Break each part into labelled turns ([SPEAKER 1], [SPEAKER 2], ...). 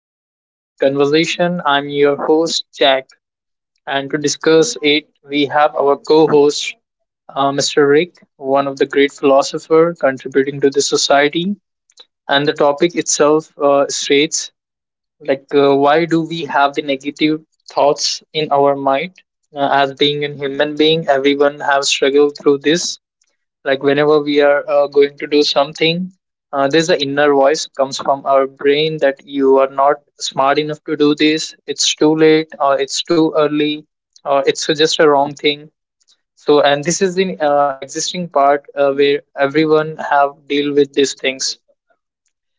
[SPEAKER 1] of Mindship Conversation. I'm your host Jack, and to discuss it, we have our co-host Mr. Rick, one of the great philosopher contributing to the society. And the topic itself states why do we have the negative thoughts in our mind? As being a human being, everyone have struggled through this like whenever we are going to do something, there's an inner voice comes from our brain that you are not smart enough to do this. It's too late or it's too early or it's just a wrong thing. So, and this is the existing part where everyone have deal with these things.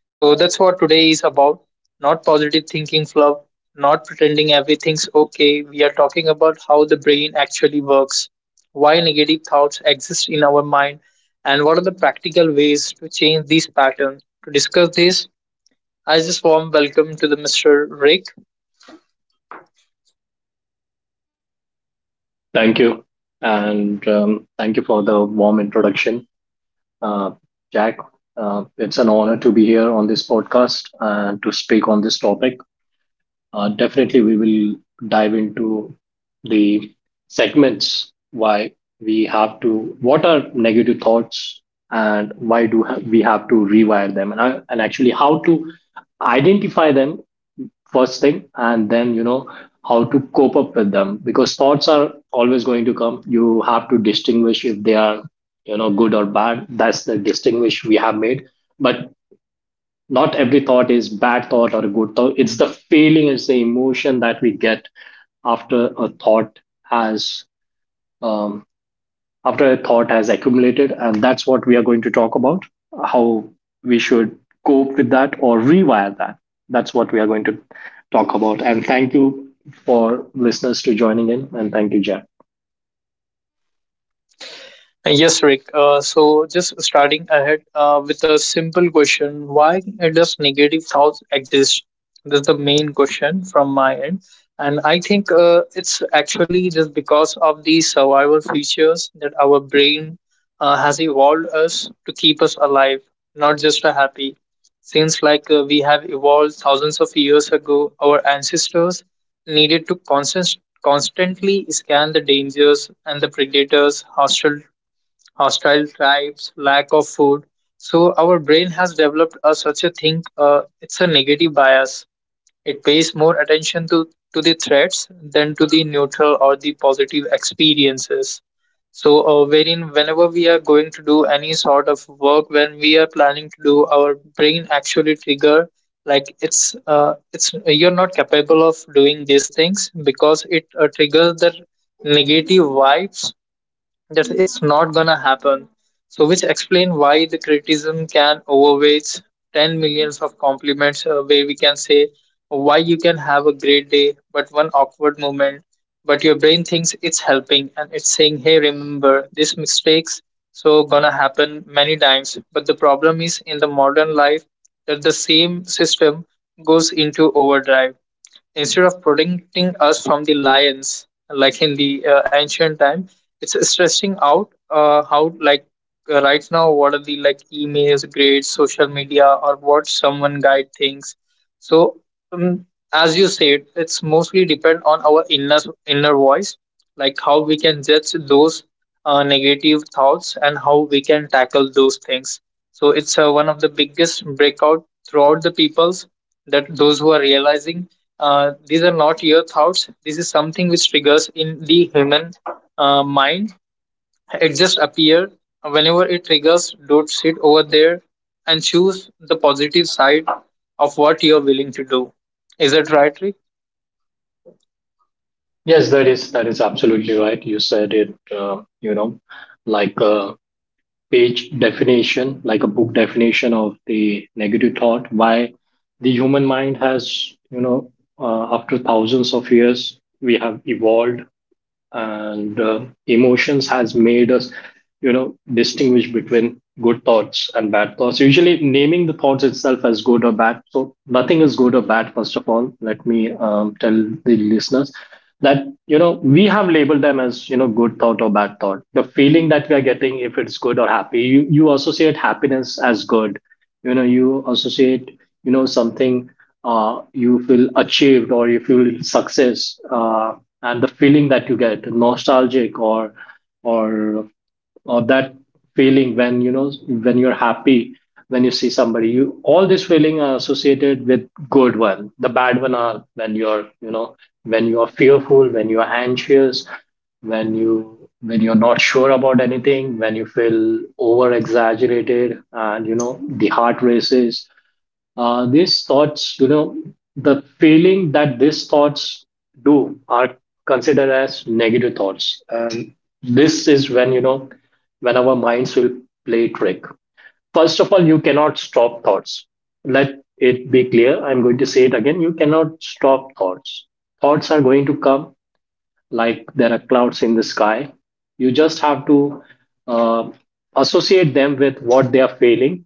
[SPEAKER 1] So that's what today is about. Not positive thinking fluff, not pretending everything's okay. We are talking about how the brain actually works, why negative thoughts exist in our mind, and what are the practical ways to change these patterns. To discuss this, I just warm welcome to the Mr. Rick.
[SPEAKER 2] Thank you. And thank you for the warm introduction, uh, Jack. It's an honor to be here on this podcast and to speak on this topic. Definitely, we will dive into the segments why we have to, what are negative thoughts, and we have to rewire them, and actually how to identify them first thing, and then how to cope up with them, because thoughts are always going to come. You have to distinguish if they are, you know, good or bad. That's the distinguish we have made. But not every thought is bad thought or a good thought. It's the feeling, it's the emotion that we get after a thought has um, after a thought has accumulated. And that's what we are going to talk about, how we should cope with that or rewire that. That's what we are going to talk about. And thank you for listeners to joining in. And thank you, Jen.
[SPEAKER 1] Yes, Rick. So just starting ahead with a simple question, why does negative thoughts exist? That's the main question from my end. And I think it's actually just because of the survival features that our brain has evolved us to keep us alive, not just a happy. Since we have evolved thousands of years ago, our ancestors needed to constantly scan the dangers and the predators, hostile tribes, lack of food. So our brain has developed a, such a thing. It's a negative bias. It pays more attention to the threats than to the neutral or the positive experiences. So, wherein whenever we are going to do any sort of work, when we are planning to do, our brain actually trigger like it's you're not capable of doing these things because it triggers the negative vibes that it's not gonna happen. So, which explain why the criticism can overweight 10 millions of compliments, where we can say why you can have a great day, but one awkward moment, but your brain thinks it's helping and it's saying, hey, remember these mistakes. So, gonna happen many times. But the problem is in the modern life that the same system goes into overdrive. Instead of protecting us from the lions like in the ancient time, it's stressing out how like right now what are the like emails, grades, social media, or what someone guide things. So um, as you said, it's mostly depend on our inner voice, like how we can judge those negative thoughts and how we can tackle those things. So it's one of the biggest breakout throughout the peoples that those who are realizing these are not your thoughts. This is something which triggers in the human mind. It just appears whenever it triggers. Don't sit over there and choose the positive side of what you're willing to do. Is that right, Rick?
[SPEAKER 2] Yes, that is absolutely right. You said it, you know, like a page definition, like a book definition of the negative thought. Why the human mind has, you know, after thousands of years, we have evolved, and emotions has made us, you know, distinguish between good thoughts and bad thoughts, usually naming the thoughts itself as good or bad. So nothing is good or bad. First of all, let me tell the listeners that, you know, we have labeled them as, you know, good thought or bad thought. The feeling that we are getting, if it's good or happy, you associate happiness as good. You know, you associate, you know, something, you feel achieved or you feel success, and the feeling that you get nostalgic, or or that feeling when, you know, when you're happy, when you see somebody, you, all this feeling are associated with good one. The bad one are when you're, you know, when you are fearful, when you are anxious, when you're not sure about anything, when you feel over exaggerated, and you know, the heart races, these thoughts, you know, the feeling that these thoughts do, are considered as negative thoughts. And this is when, you know, when our minds will play trick. First of all, you cannot stop thoughts. Let it be clear, I'm going to say it again, you cannot stop thoughts. Thoughts are going to come like there are clouds in the sky. You just have to uh, associate them with what they are feeling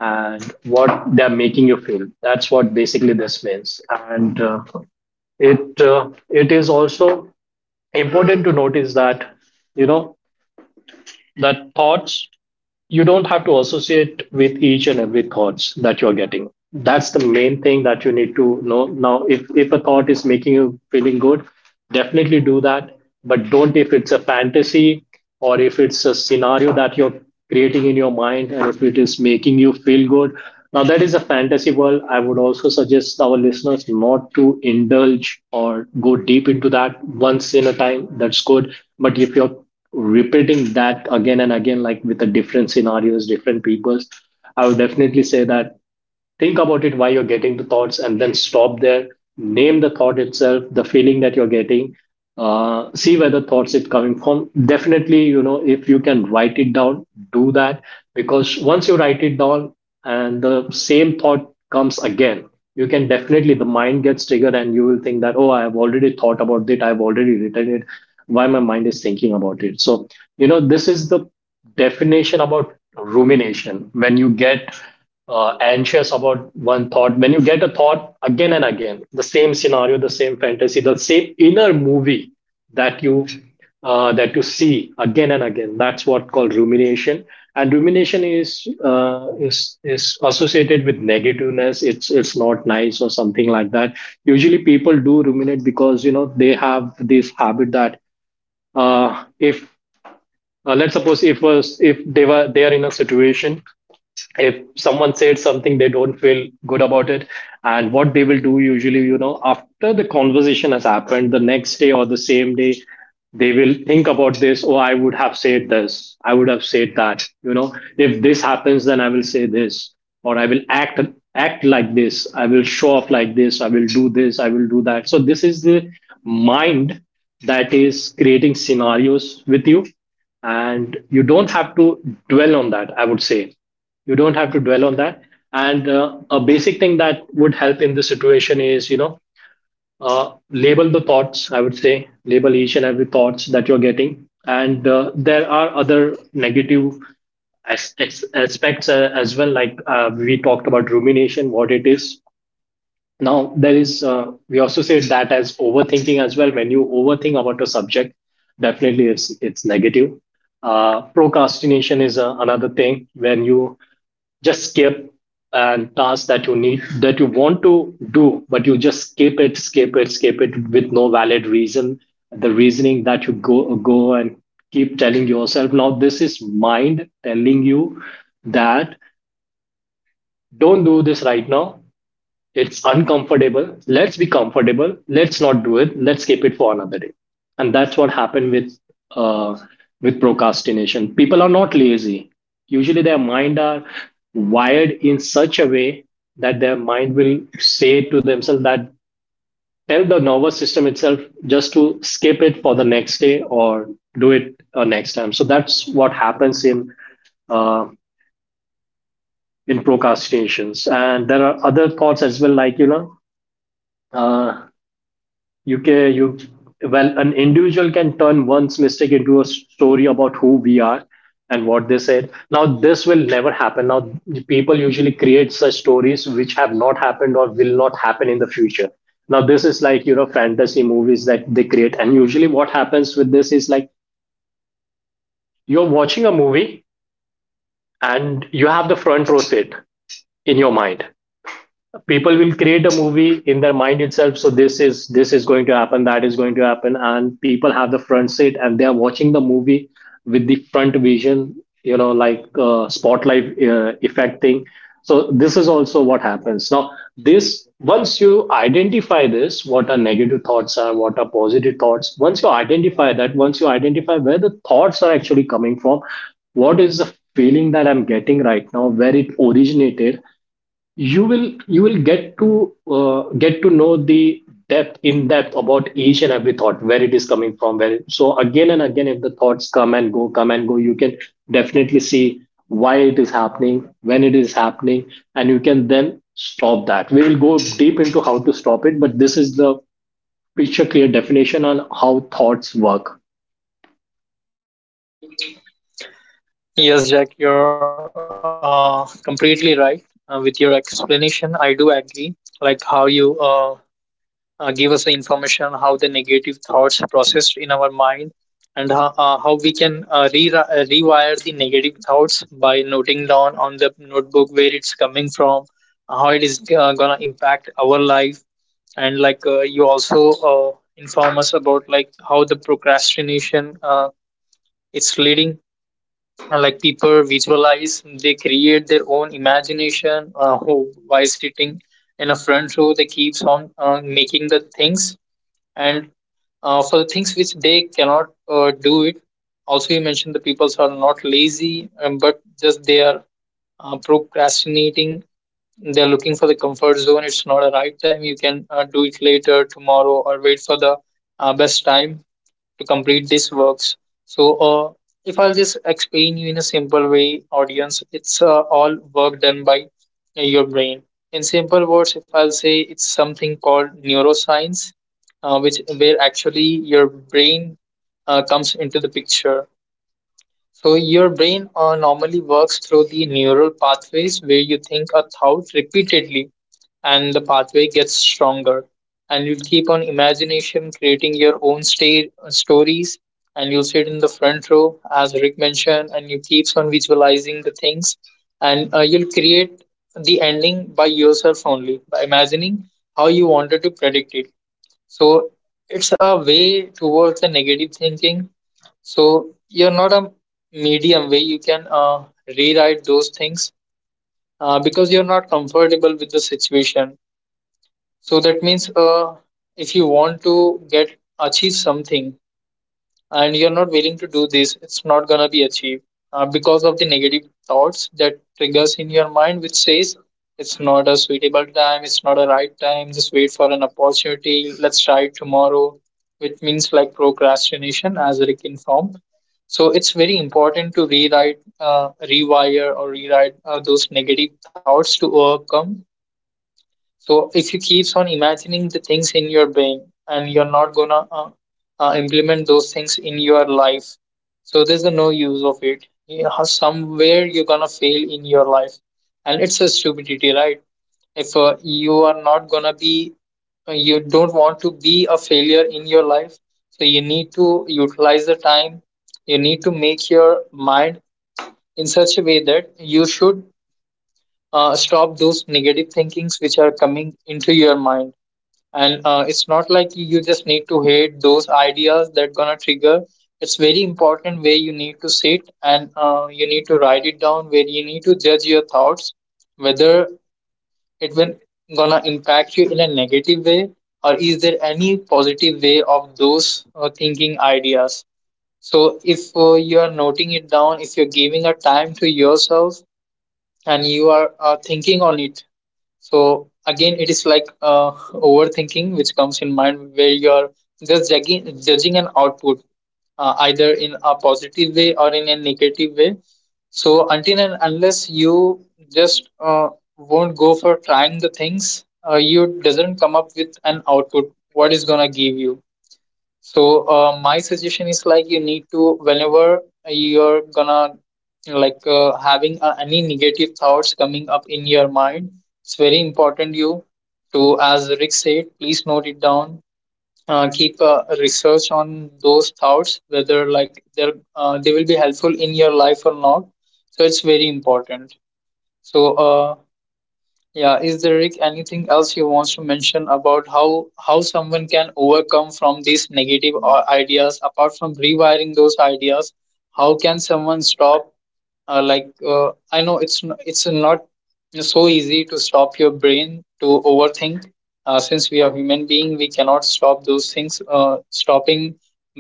[SPEAKER 2] and what they are making you feel. That's what basically this means. And it is also important to notice that, you know, that thoughts, you don't have to associate with each and every thoughts that you're getting. That's the main thing that you need to know. Now, if a thought is making you feeling good, definitely do that. But don't, if it's a fantasy, or if it's a scenario that you're creating in your mind, and if it is making you feel good, now that is a fantasy world. I would also suggest our listeners not to indulge or go deep into that. Once in a time, that's good, but if you're repeating that again and again, like with the different scenarios, different peoples, I would definitely say that think about it while you're getting the thoughts and then stop there. Name the thought itself, the feeling that you're getting. See where the thoughts it coming from. Definitely, you know, if you can write it down, do that, because once you write it down and the same thought comes again, you can definitely, the mind gets triggered and you will think that, oh, I have already thought about it, I've already written it, why my mind is thinking about it. So you know, this is the definition about rumination. When you get anxious about one thought, when you get a thought again and again, the same scenario, the same fantasy, the same inner movie that you that you see again and again, that's what called rumination. And rumination is associated with negativeness. It's not nice or something like that. Usually people do ruminate because, you know, they have this habit that, if let's suppose, if they are in a situation, if someone said something, they don't feel good about it, and what they will do usually, you know, after the conversation has happened, the next day or the same day, they will think about this, oh, I would have said this, I would have said that, you know, if this happens then I will say this, or I will act act like this, I will show off like this, I will do this, I will do that. So this is the mind that is creating scenarios with you, and you don't have to dwell on that, I would say, you don't have to dwell on that. And a basic thing that would help in this situation is, you know, label the thoughts, I would say label each and every thoughts that you're getting. And there are other negative aspects as well. Like we talked about rumination, what it is. Now there is, we also say that as overthinking as well. When you overthink about a subject, definitely it's negative. Procrastination is another thing, when you just skip and tasks that you need that you want to do, but you just skip it, skip it, skip it with no valid reason. The reasoning that you go go and keep telling yourself, now this is mind telling you that don't do this right now, it's uncomfortable. Let's be comfortable. Let's not do it. Let's keep it for another day. And that's what happened uh, with procrastination. People are not lazy. Usually, their mind are wired in such a way that their mind will say to themselves that, tell the nervous system itself just to skip it for the next day or do it next time. So that's what happens uh, in procrastinations. And there are other thoughts as well, like you know, uh, you can you well, an individual can turn one's mistake into a story about who we are and what they said. Now this will never happen. Now people usually create such stories which have not happened or will not happen in the future. Now this is like, you know, fantasy movies that they create, and usually what happens with this is like you're watching a movie and you have the front row seat in your mind. People will create a movie in their mind itself. So this is going to happen, that is going to happen, and people have the front seat and they are watching the movie with the front vision, you know, like spotlight effect thing. So this is also what happens now. This Once you identify this, what are negative thoughts are, what are positive thoughts, once you identify that, once you identify where the thoughts are actually coming from, what is the feeling that I'm getting right now, where it originated, you will get to know the depth, in depth about each and every thought, where it is coming from, where it. So again and again, if the thoughts come and go, come and go, you can definitely see why it is happening, when it is happening, and you can then stop that. We will go deep into how to stop it, but this is the picture, clear definition on how thoughts work.
[SPEAKER 1] Yes, Jack, you're completely right with your explanation. I do agree. Like how you give us the information how the negative thoughts processed in our mind and how we can rewire the negative thoughts by noting down on the notebook where it's coming from, how it is gonna impact our life. And like you also inform us about like how the procrastination, it's leading, like people visualize, they create their own imagination by sitting in a front row they keeps on making the things and for the things which they cannot do it. Also you mentioned the peoples are not lazy, but just they are procrastinating. They're looking for the comfort zone. It's not a right time, you can do it later tomorrow or wait for the best time to complete these works. So if I'll just explain you in a simple way, audience, it's all work done by your brain. In simple words, if I'll say, it's something called neuroscience, which where actually your brain comes into the picture. So your brain normally works through the neural pathways where you think a thought repeatedly, and the pathway gets stronger, and you'll keep on imagination creating your own state stories, and you'll sit in the front row as Rick mentioned, and you keeps on visualizing the things, and you'll create the ending by yourself only by imagining how you wanted to predict it. So it's a way towards the negative thinking. So you're not a medium where you can rewrite those things because you're not comfortable with the situation. So that means if you want to get achieve something and you're not willing to do this, it's not gonna be achieved because of the negative thoughts that triggers in your mind, which says it's not a suitable time, it's not a right time. Just wait for an opportunity. Let's try it tomorrow, which means like procrastination, as Rick informed. So it's very important to rewrite, rewire, or rewrite those negative thoughts to overcome. So if you keeps on imagining the things in your brain and you're not gonna implement those things in your life, so there's a no use of it. You know, somewhere you're gonna fail in your life, and it's a stupidity, right? If you are not gonna be, you don't want to be a failure in your life, so you need to utilize the time. You need to make your mind in such a way that you should stop those negative thinkings which are coming into your mind. And it's not like you just need to hate those ideas that gonna trigger. It's very important where you need to sit and you need to write it down, where you need to judge your thoughts whether it will gonna impact you in a negative way or is there any positive way of those thinking ideas. So if you are noting it down, if you're giving a time to yourself and you are thinking on it, so again it is like overthinking which comes in mind where you're just judging an output either in a positive way or in a negative way. So until and unless you just won't go for trying the things, you doesn't come up with an output what is gonna give you. So my suggestion is, like, you need to, whenever you're gonna like having any negative thoughts coming up in your mind, it's very important you to, as Rick said, please note it down. Keep research on those thoughts whether like they're they will be helpful in your life or not. So it's very important. So yeah, is there, Rick, anything else you want to mention about how someone can overcome from these negative ideas apart from rewiring those ideas? How can someone stop I know it's not so easy to stop your brain to overthink, since we are human being we cannot stop those things. Stopping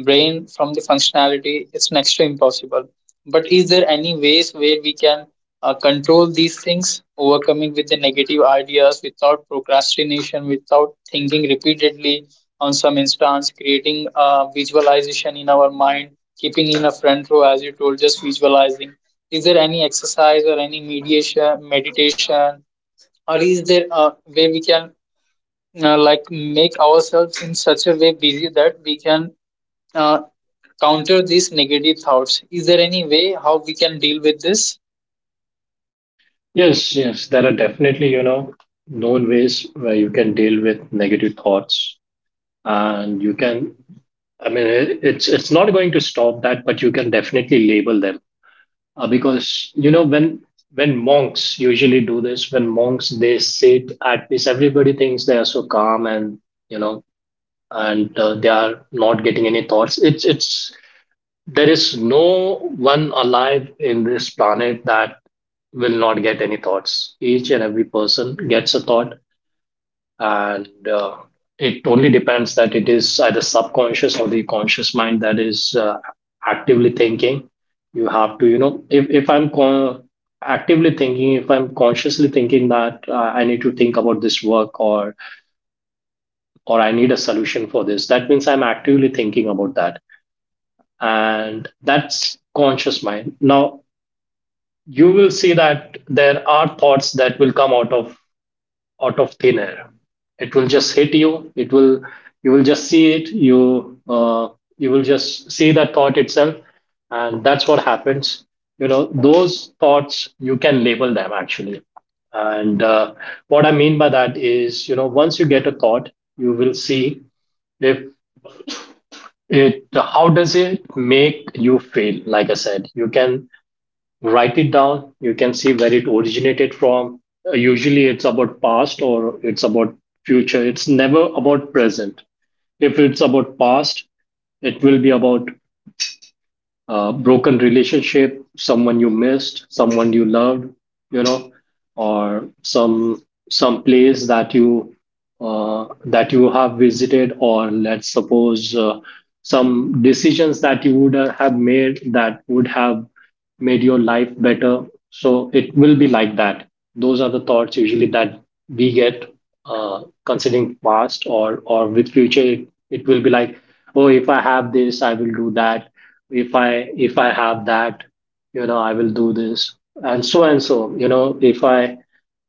[SPEAKER 1] brain from the functionality is next to impossible, but is there any ways where we can control these things, overcoming with the negative ideas without procrastination, without thinking repeatedly on some instance, creating a visualization in our mind, keeping in a front row as you told, just visualizing? Is there any exercise or any meditation, or is there a way we can like make ourselves in such a way busy that we can uh, counter these negative thoughts? Is there any way how we can deal with this?
[SPEAKER 2] Yes, there are definitely, you know, known ways where you can deal with negative thoughts, and you can, I mean, it's not going to stop that, but you can definitely label them, because you know, when monks usually do this, when monks they sit at peace, everybody thinks they are so calm, and you know, and they are not getting any thoughts. It's there is no one alive in this planet that will not get any thoughts. Each and every person gets a thought, and it only depends that it is either subconscious or the conscious mind that is actively thinking. You have to, you know, if I'm con- actively thinking, if I'm consciously thinking that, I need to think about this work, or I need a solution for this, that means I'm actively thinking about that, and that's conscious mind. Now you will see that there are thoughts that will come out of thin air. It will just hit you. It will, you will just see it. You will just see that thought itself, and that's what happens. You know those thoughts you can label them actually. And What I mean by that is, you know, once you get a thought, you will see if it how does it make you feel. Like I said, you can write it down, you can see where it originated from. Usually it's about past or it's about future, it's never about present. If it's about past it will be about broken relationship, someone you missed, someone you loved, you know, or some place that you have visited, or let's suppose some decisions that you would have made that would have made your life better. So it will be like that. Those are the thoughts usually that we get considering past or with future. It will be like, oh, if I have this, I will do that, if I have that, you know, I will do this and so and so, you know, if I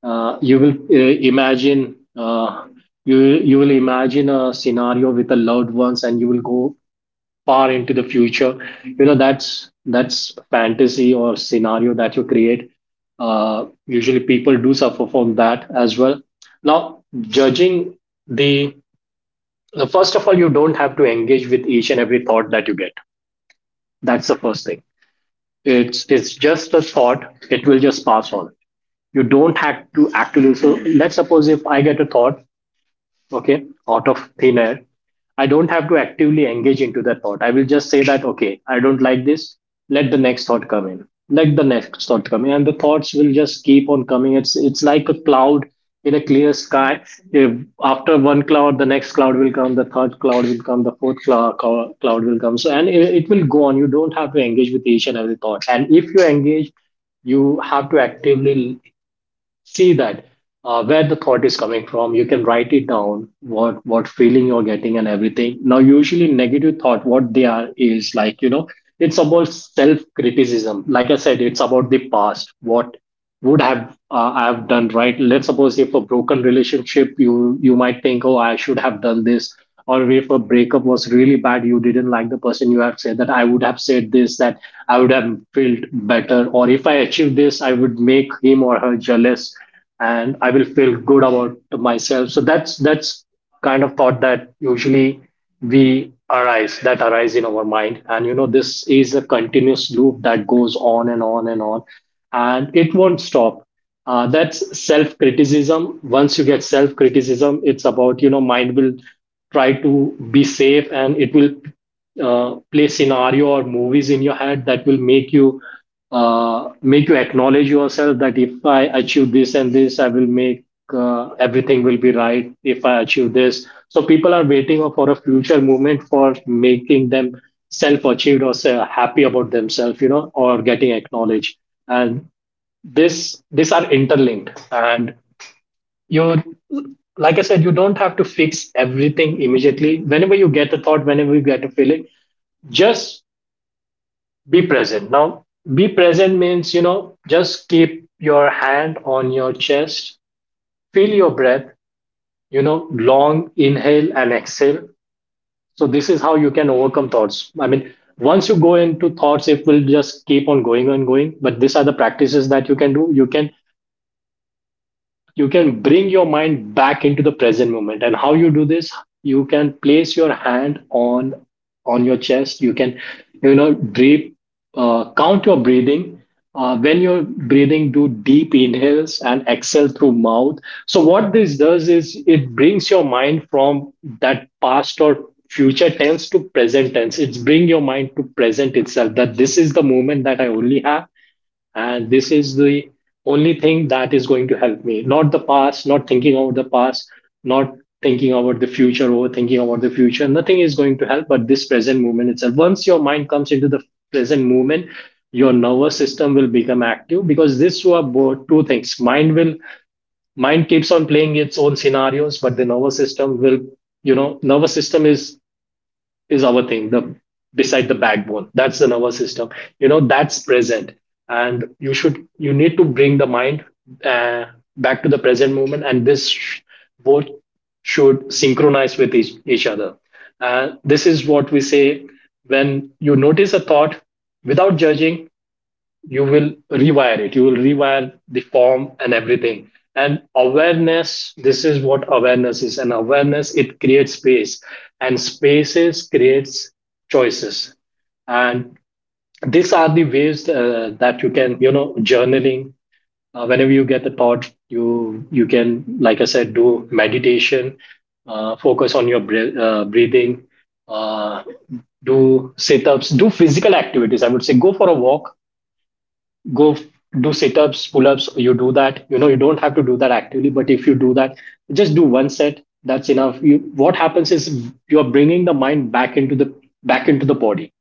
[SPEAKER 2] you will imagine you will imagine a scenario with the loved ones and you will go far into the future. You know, that's fantasy or scenario that you create. Usually people do suffer from that as well. Now judging the first of all, you don't have to engage with each and every thought that you get. That's the first thing. It's just a thought. It will just pass on. You don't have to actually. So let's suppose if I get a thought, okay, out of thin air, I don't have to actively engage into that thought. I will just say that, okay, I don't like this. Let the next thought come in. Let the next thought come in. And the thoughts will just keep on coming. It's like a cloud in a clear sky. If after one cloud, the next cloud will come, the third cloud will come, the fourth cloud will come. So, and it will go on. You don't have to engage with each and every thought. And if you engage, you have to actively see that where the thought is coming from. You can write it down, what feeling you're getting and everything. Now usually negative thought, what they are is, like, you know, it's about self criticism. Like I said, it's about the past. What would have I have done, right? Let's suppose if a broken relationship, you might think, oh, I should have done this, or if a breakup was really bad, you didn't like the person, you have said that I would have said this, that I would have felt better, or if I achieve this, I would make him or her jealous and I will feel good about myself. So that's kind of thought that usually we arise that arise in our mind. And you know, this is a continuous loop that goes on and on and on and it won't stop. That's self criticism. Once you get self criticism, it's about, you know, mind will try to be safe and it will play scenario or movies in your head that will make you acknowledge yourself that if I achieve this and this, I will make everything will be right if I achieve this. So people are waiting for a future movement for making them self-achieved or, say, happy about themselves, you know, or getting acknowledged. And this, these are interlinked. And you, like I said, you don't have to fix everything immediately. Whenever you get a thought, whenever you get a feeling, just be present now. Be present means, you know, just keep your hand on your chest, feel your breath, you know, long inhale and exhale. So this is how you can overcome thoughts. I mean, once you go into thoughts it will just keep on going and going, but these are the practices that you can do. You can you can bring your mind back into the present moment. And how you do this, you can place your hand on your chest, you can, you know, breathe, count your breathing. When you're breathing, do deep inhales and exhale through mouth. So what this does is it brings your mind from that past or future tense to present tense. It's bring your mind to present itself, that this is the moment that I only have and this is the only thing that is going to help me. Not the past, not thinking about the past, not thinking about the future, overthinking about the future, nothing is going to help but this present moment itself. Once your mind comes into the present moment, your nervous system will become active, because this were both two things. Mind will mind keeps on playing its own scenarios, but the nervous system will, you know, nervous system is our thing, the beside the backbone, that's the nervous system. You know, that's present. And you should you need to bring the mind uh, back to the present moment, and both should synchronize with each other. This is what we say. When you notice a thought without judging, you will rewire it, you will rewire the form and everything. And awareness, this is what awareness is. And awareness, it creates space, and spaces creates choices. And these are the ways that you can, you know, journaling, whenever you get the thought, you can, like I said, do meditation, focus on your breath, breathing, uh, do sit ups, do physical activities. I would say go for a walk, go f- do sit-ups, pull-ups. You do that, you know, you don't have to do that actively, but if you do that, just do one set, that's enough. You what happens is, you're bringing the mind back into the body.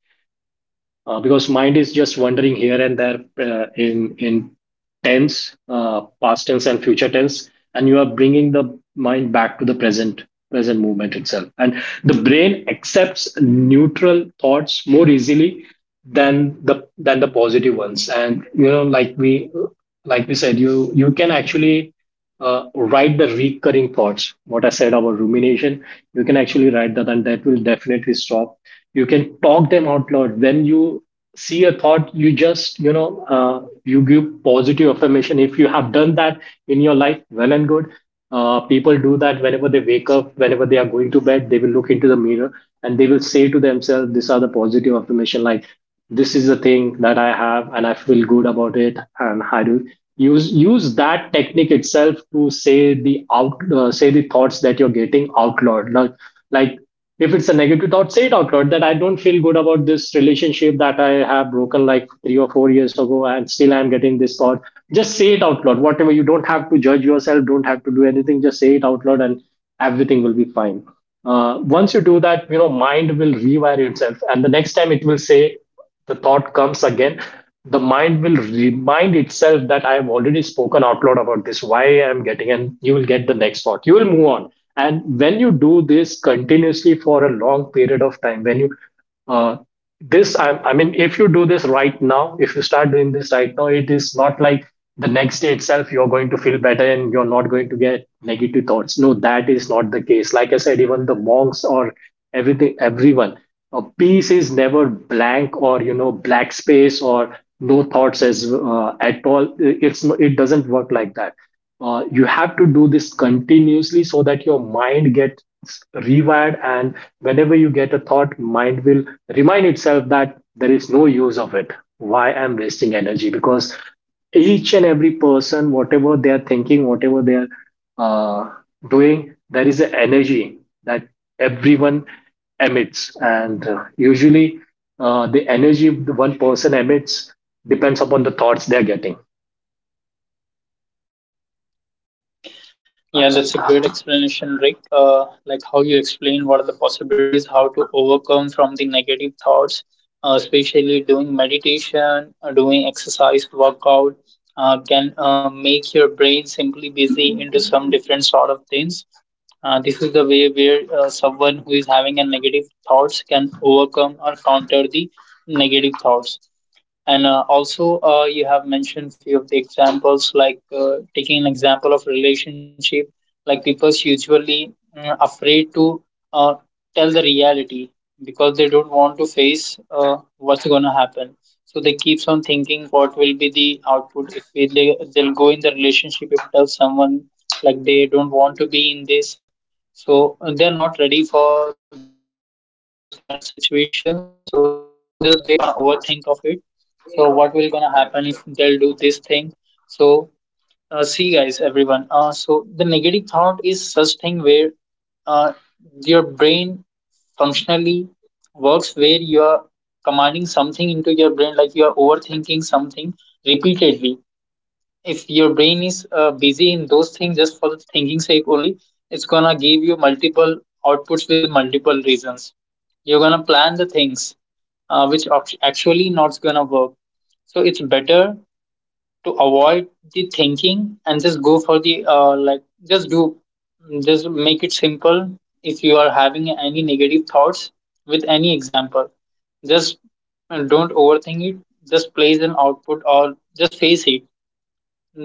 [SPEAKER 2] Because mind is just wandering here and there, in tense, past tense and future tense, and you are bringing the mind back to the present present movement itself. And the brain accepts neutral thoughts more easily than the positive ones. And you know, like we said, you can actually write the recurring thoughts, what I said about rumination. You can actually write that and that will definitely stop. You can talk them out loud. When you see a thought, you just, you know, you give positive affirmation. If you have done that in your life, well and good. People do that whenever they wake up, whenever they are going to bed, they will look into the mirror and they will say to themselves, these are the positive affirmation, like, this is the thing that I have and I feel good about it. And I do use that technique itself to say the out say the thoughts that you're getting out loud. Now, like, if it's a negative thought, say it out loud that I don't feel good about this relationship that I have broken like 3 or 4 years ago and still I'm getting this thought. Just say it out loud, whatever. You don't have to judge yourself, don't have to do anything, just say it out loud, and everything will be fine. Once you do that, you know, mind will rewire itself, and the next time it will say the thought comes again, the mind will remind itself that I have already spoken out loud about this, why I am getting, and you will get the next thought. You will move on. And when you do this continuously for a long period of time, when you uh, this I mean, if you do this right now, if you start doing this right now, it is not like the next day itself you're going to feel better and you're not going to get negative thoughts. No, that is not the case. Like I said, even the monks or everything everyone, a piece is never blank, or you know, black space or no thoughts as at all. It's it doesn't work like that. You have to do this continuously so that your mind gets rewired. And whenever you get a thought, mind will remind itself that there is no use of it, why I'm wasting energy. Because each and every person, whatever they are thinking, whatever they are uh, doing, there is an energy that everyone emits. And Usually, the energy the one person emits depends upon the thoughts they're getting.
[SPEAKER 1] Yeah, that's a great explanation, Rick. Like how you explain what are the possibilities, how to overcome from the negative thoughts, especially doing meditation, doing exercise, workout, can make your brain simply busy into some different sort of things. This is the way where someone who is having a negative thoughts can overcome or counter the negative thoughts. And also, you have mentioned few of the examples, like taking an example of relationship, like people's usually afraid to uh, tell the reality because they don't want to face what's going to happen. So they keeps on thinking what will be the output if they'll go in the relationship, if tell someone like they don't want to be in this. So they're not ready for those kind of situations. So just they gonna overthink of it, so what will gonna happen if they'll do this thing? So see guys, everyone. So the negative thought is such thing where uh, your brain functionally works where you are commanding something into your brain, like you are overthinking something repeatedly. If your brain is busy in those things just for the thinking sake only, it's gonna give you multiple outputs with the multiple reasons. You're gonna plan the things which actually not gonna work. So it's better to avoid the thinking and just go for the like just do just make it simple. If you are having any negative thoughts with any example, just don't overthink it. Just place an output or just face it.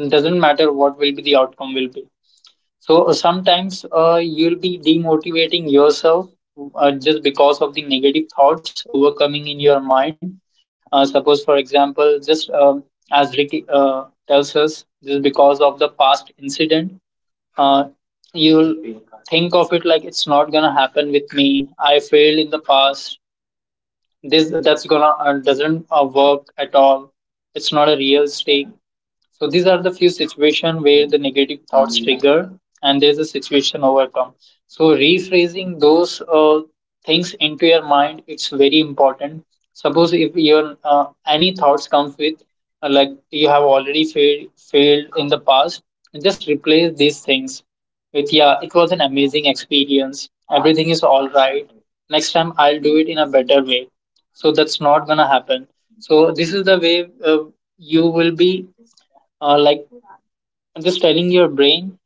[SPEAKER 1] Doesn't matter what will be the outcome will be. So sometimes you'll be demotivating yourself just because of the negative thoughts overcoming in your mind. Suppose, for example, just as Ricky tells us, just because of the past incident, uh, you'll think of it like it's not gonna happen with me. I failed in the past. This that's gonna doesn't work at all. It's not a real stake. So these are the few situations where the negative thoughts trigger and there's a situation overcome. So rephrasing those things into your mind, it's very important. Suppose if your any thoughts comes with like you have already failed in the past, just replace these things with yeah, it was an amazing experience. Everything is all right. Next time I'll do it in a better way. So that's not gonna happen. So this is the way, you will be like just telling your brain,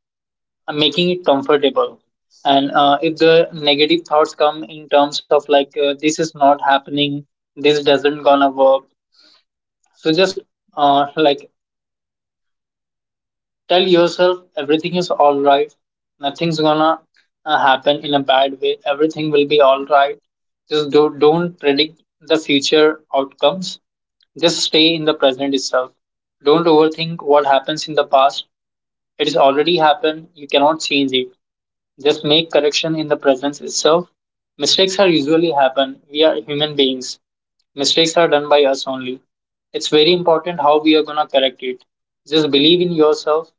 [SPEAKER 1] making it comfortable, and if the negative thoughts come in terms of like, this is not happening, this doesn't gonna work, so just like tell yourself everything is all right, nothing's gonna happen in a bad way, everything will be all right. Just do, don't predict the future outcomes, just stay in the present itself. Don't overthink what happens in the past. It has already happened, you cannot change it. Just make correction in the presence itself. Mistakes are usually happen. We are human beings. Mistakes are done by us only. It's very important how we are gonna correct it. Just believe in yourself.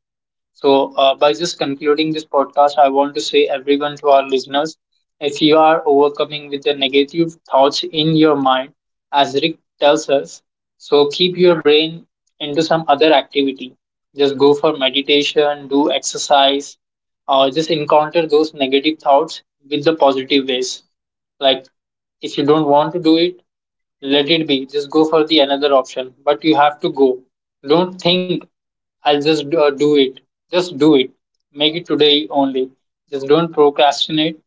[SPEAKER 1] So, by just concluding this podcast, I want to say everyone to our listeners, if you are overcoming with the negative thoughts in your mind, as Rick tells us, so keep your brain into some other activity. Just go for meditation, do exercise, or just encounter those negative thoughts with the positive ways. Like, if you don't want to do it, let it be. Just go for the another option. But you have to go. Don't think I'll just do it. Just do it. Make it today only. Just don't procrastinate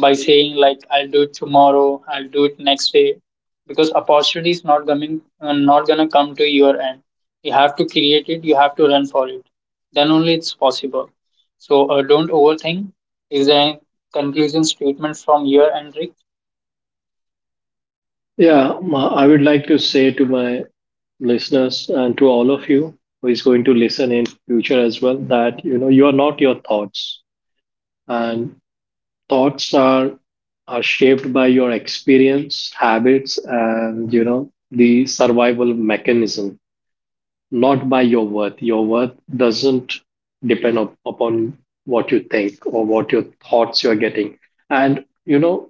[SPEAKER 1] by saying like I'll do it tomorrow. I'll do it next day. Because opportunity is not coming, not gonna come to your end. You have to create it. You have to run for it. Then only it's possible. So don't overthink. Is there a conclusion statement from your end, Rick?
[SPEAKER 2] I would like to say to my listeners and to all of you who is going to listen in future as well that, you know, you are not your thoughts. And thoughts are shaped by your experience, habits, and you know, the survival mechanism, not by your worth. Your worth doesn't upon what you think or what your thoughts you're getting. And, you know,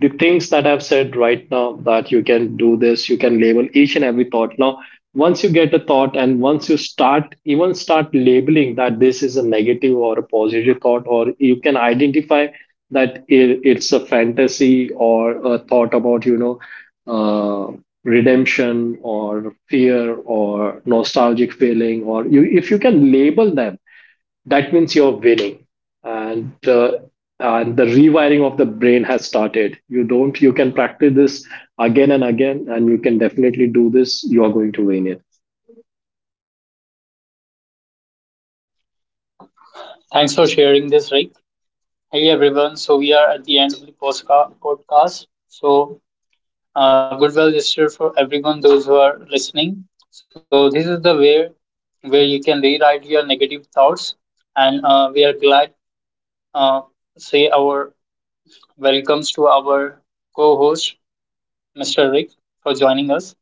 [SPEAKER 2] the things that I've said right now, that you can do this, you can label each and every thought. Now, once you get a thought and once you start, even start labeling that this is a negative or a positive thought, or you can identify that it's a fantasy or a thought about, you know, uh, redemption or fear or nostalgic feeling or you, if you can label them, that means you're winning. and uh, and the rewiring of the brain has started. You don't you can practice this again and again, and you can definitely do this. You are going to win it.
[SPEAKER 1] Thanks for sharing this, Rick. Hey everyone, so we are at the end of the podcast. So, good well gesture for everyone, those who are listening. So, this is the way where you can rewrite your negative thoughts, and we are glad uh, say our welcomes to our co-host, Mr. Rick, for joining us.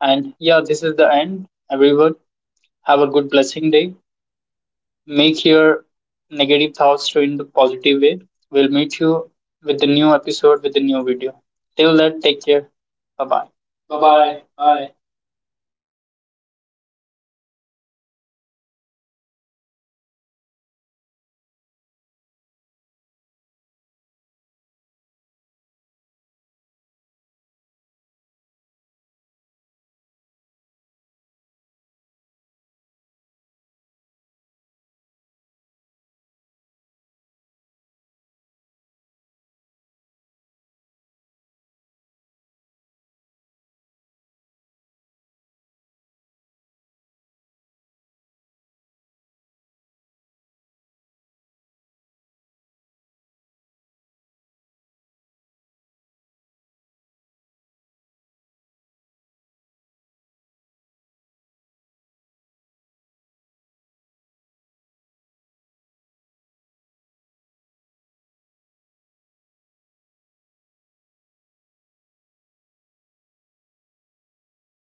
[SPEAKER 1] And yeah, this is the end. Everyone, have a good blessing day. Make your negative thoughts to in the positive way. We'll meet you with the new episode with the new video. Till then, take care. Bye bye. Bye bye. Bye.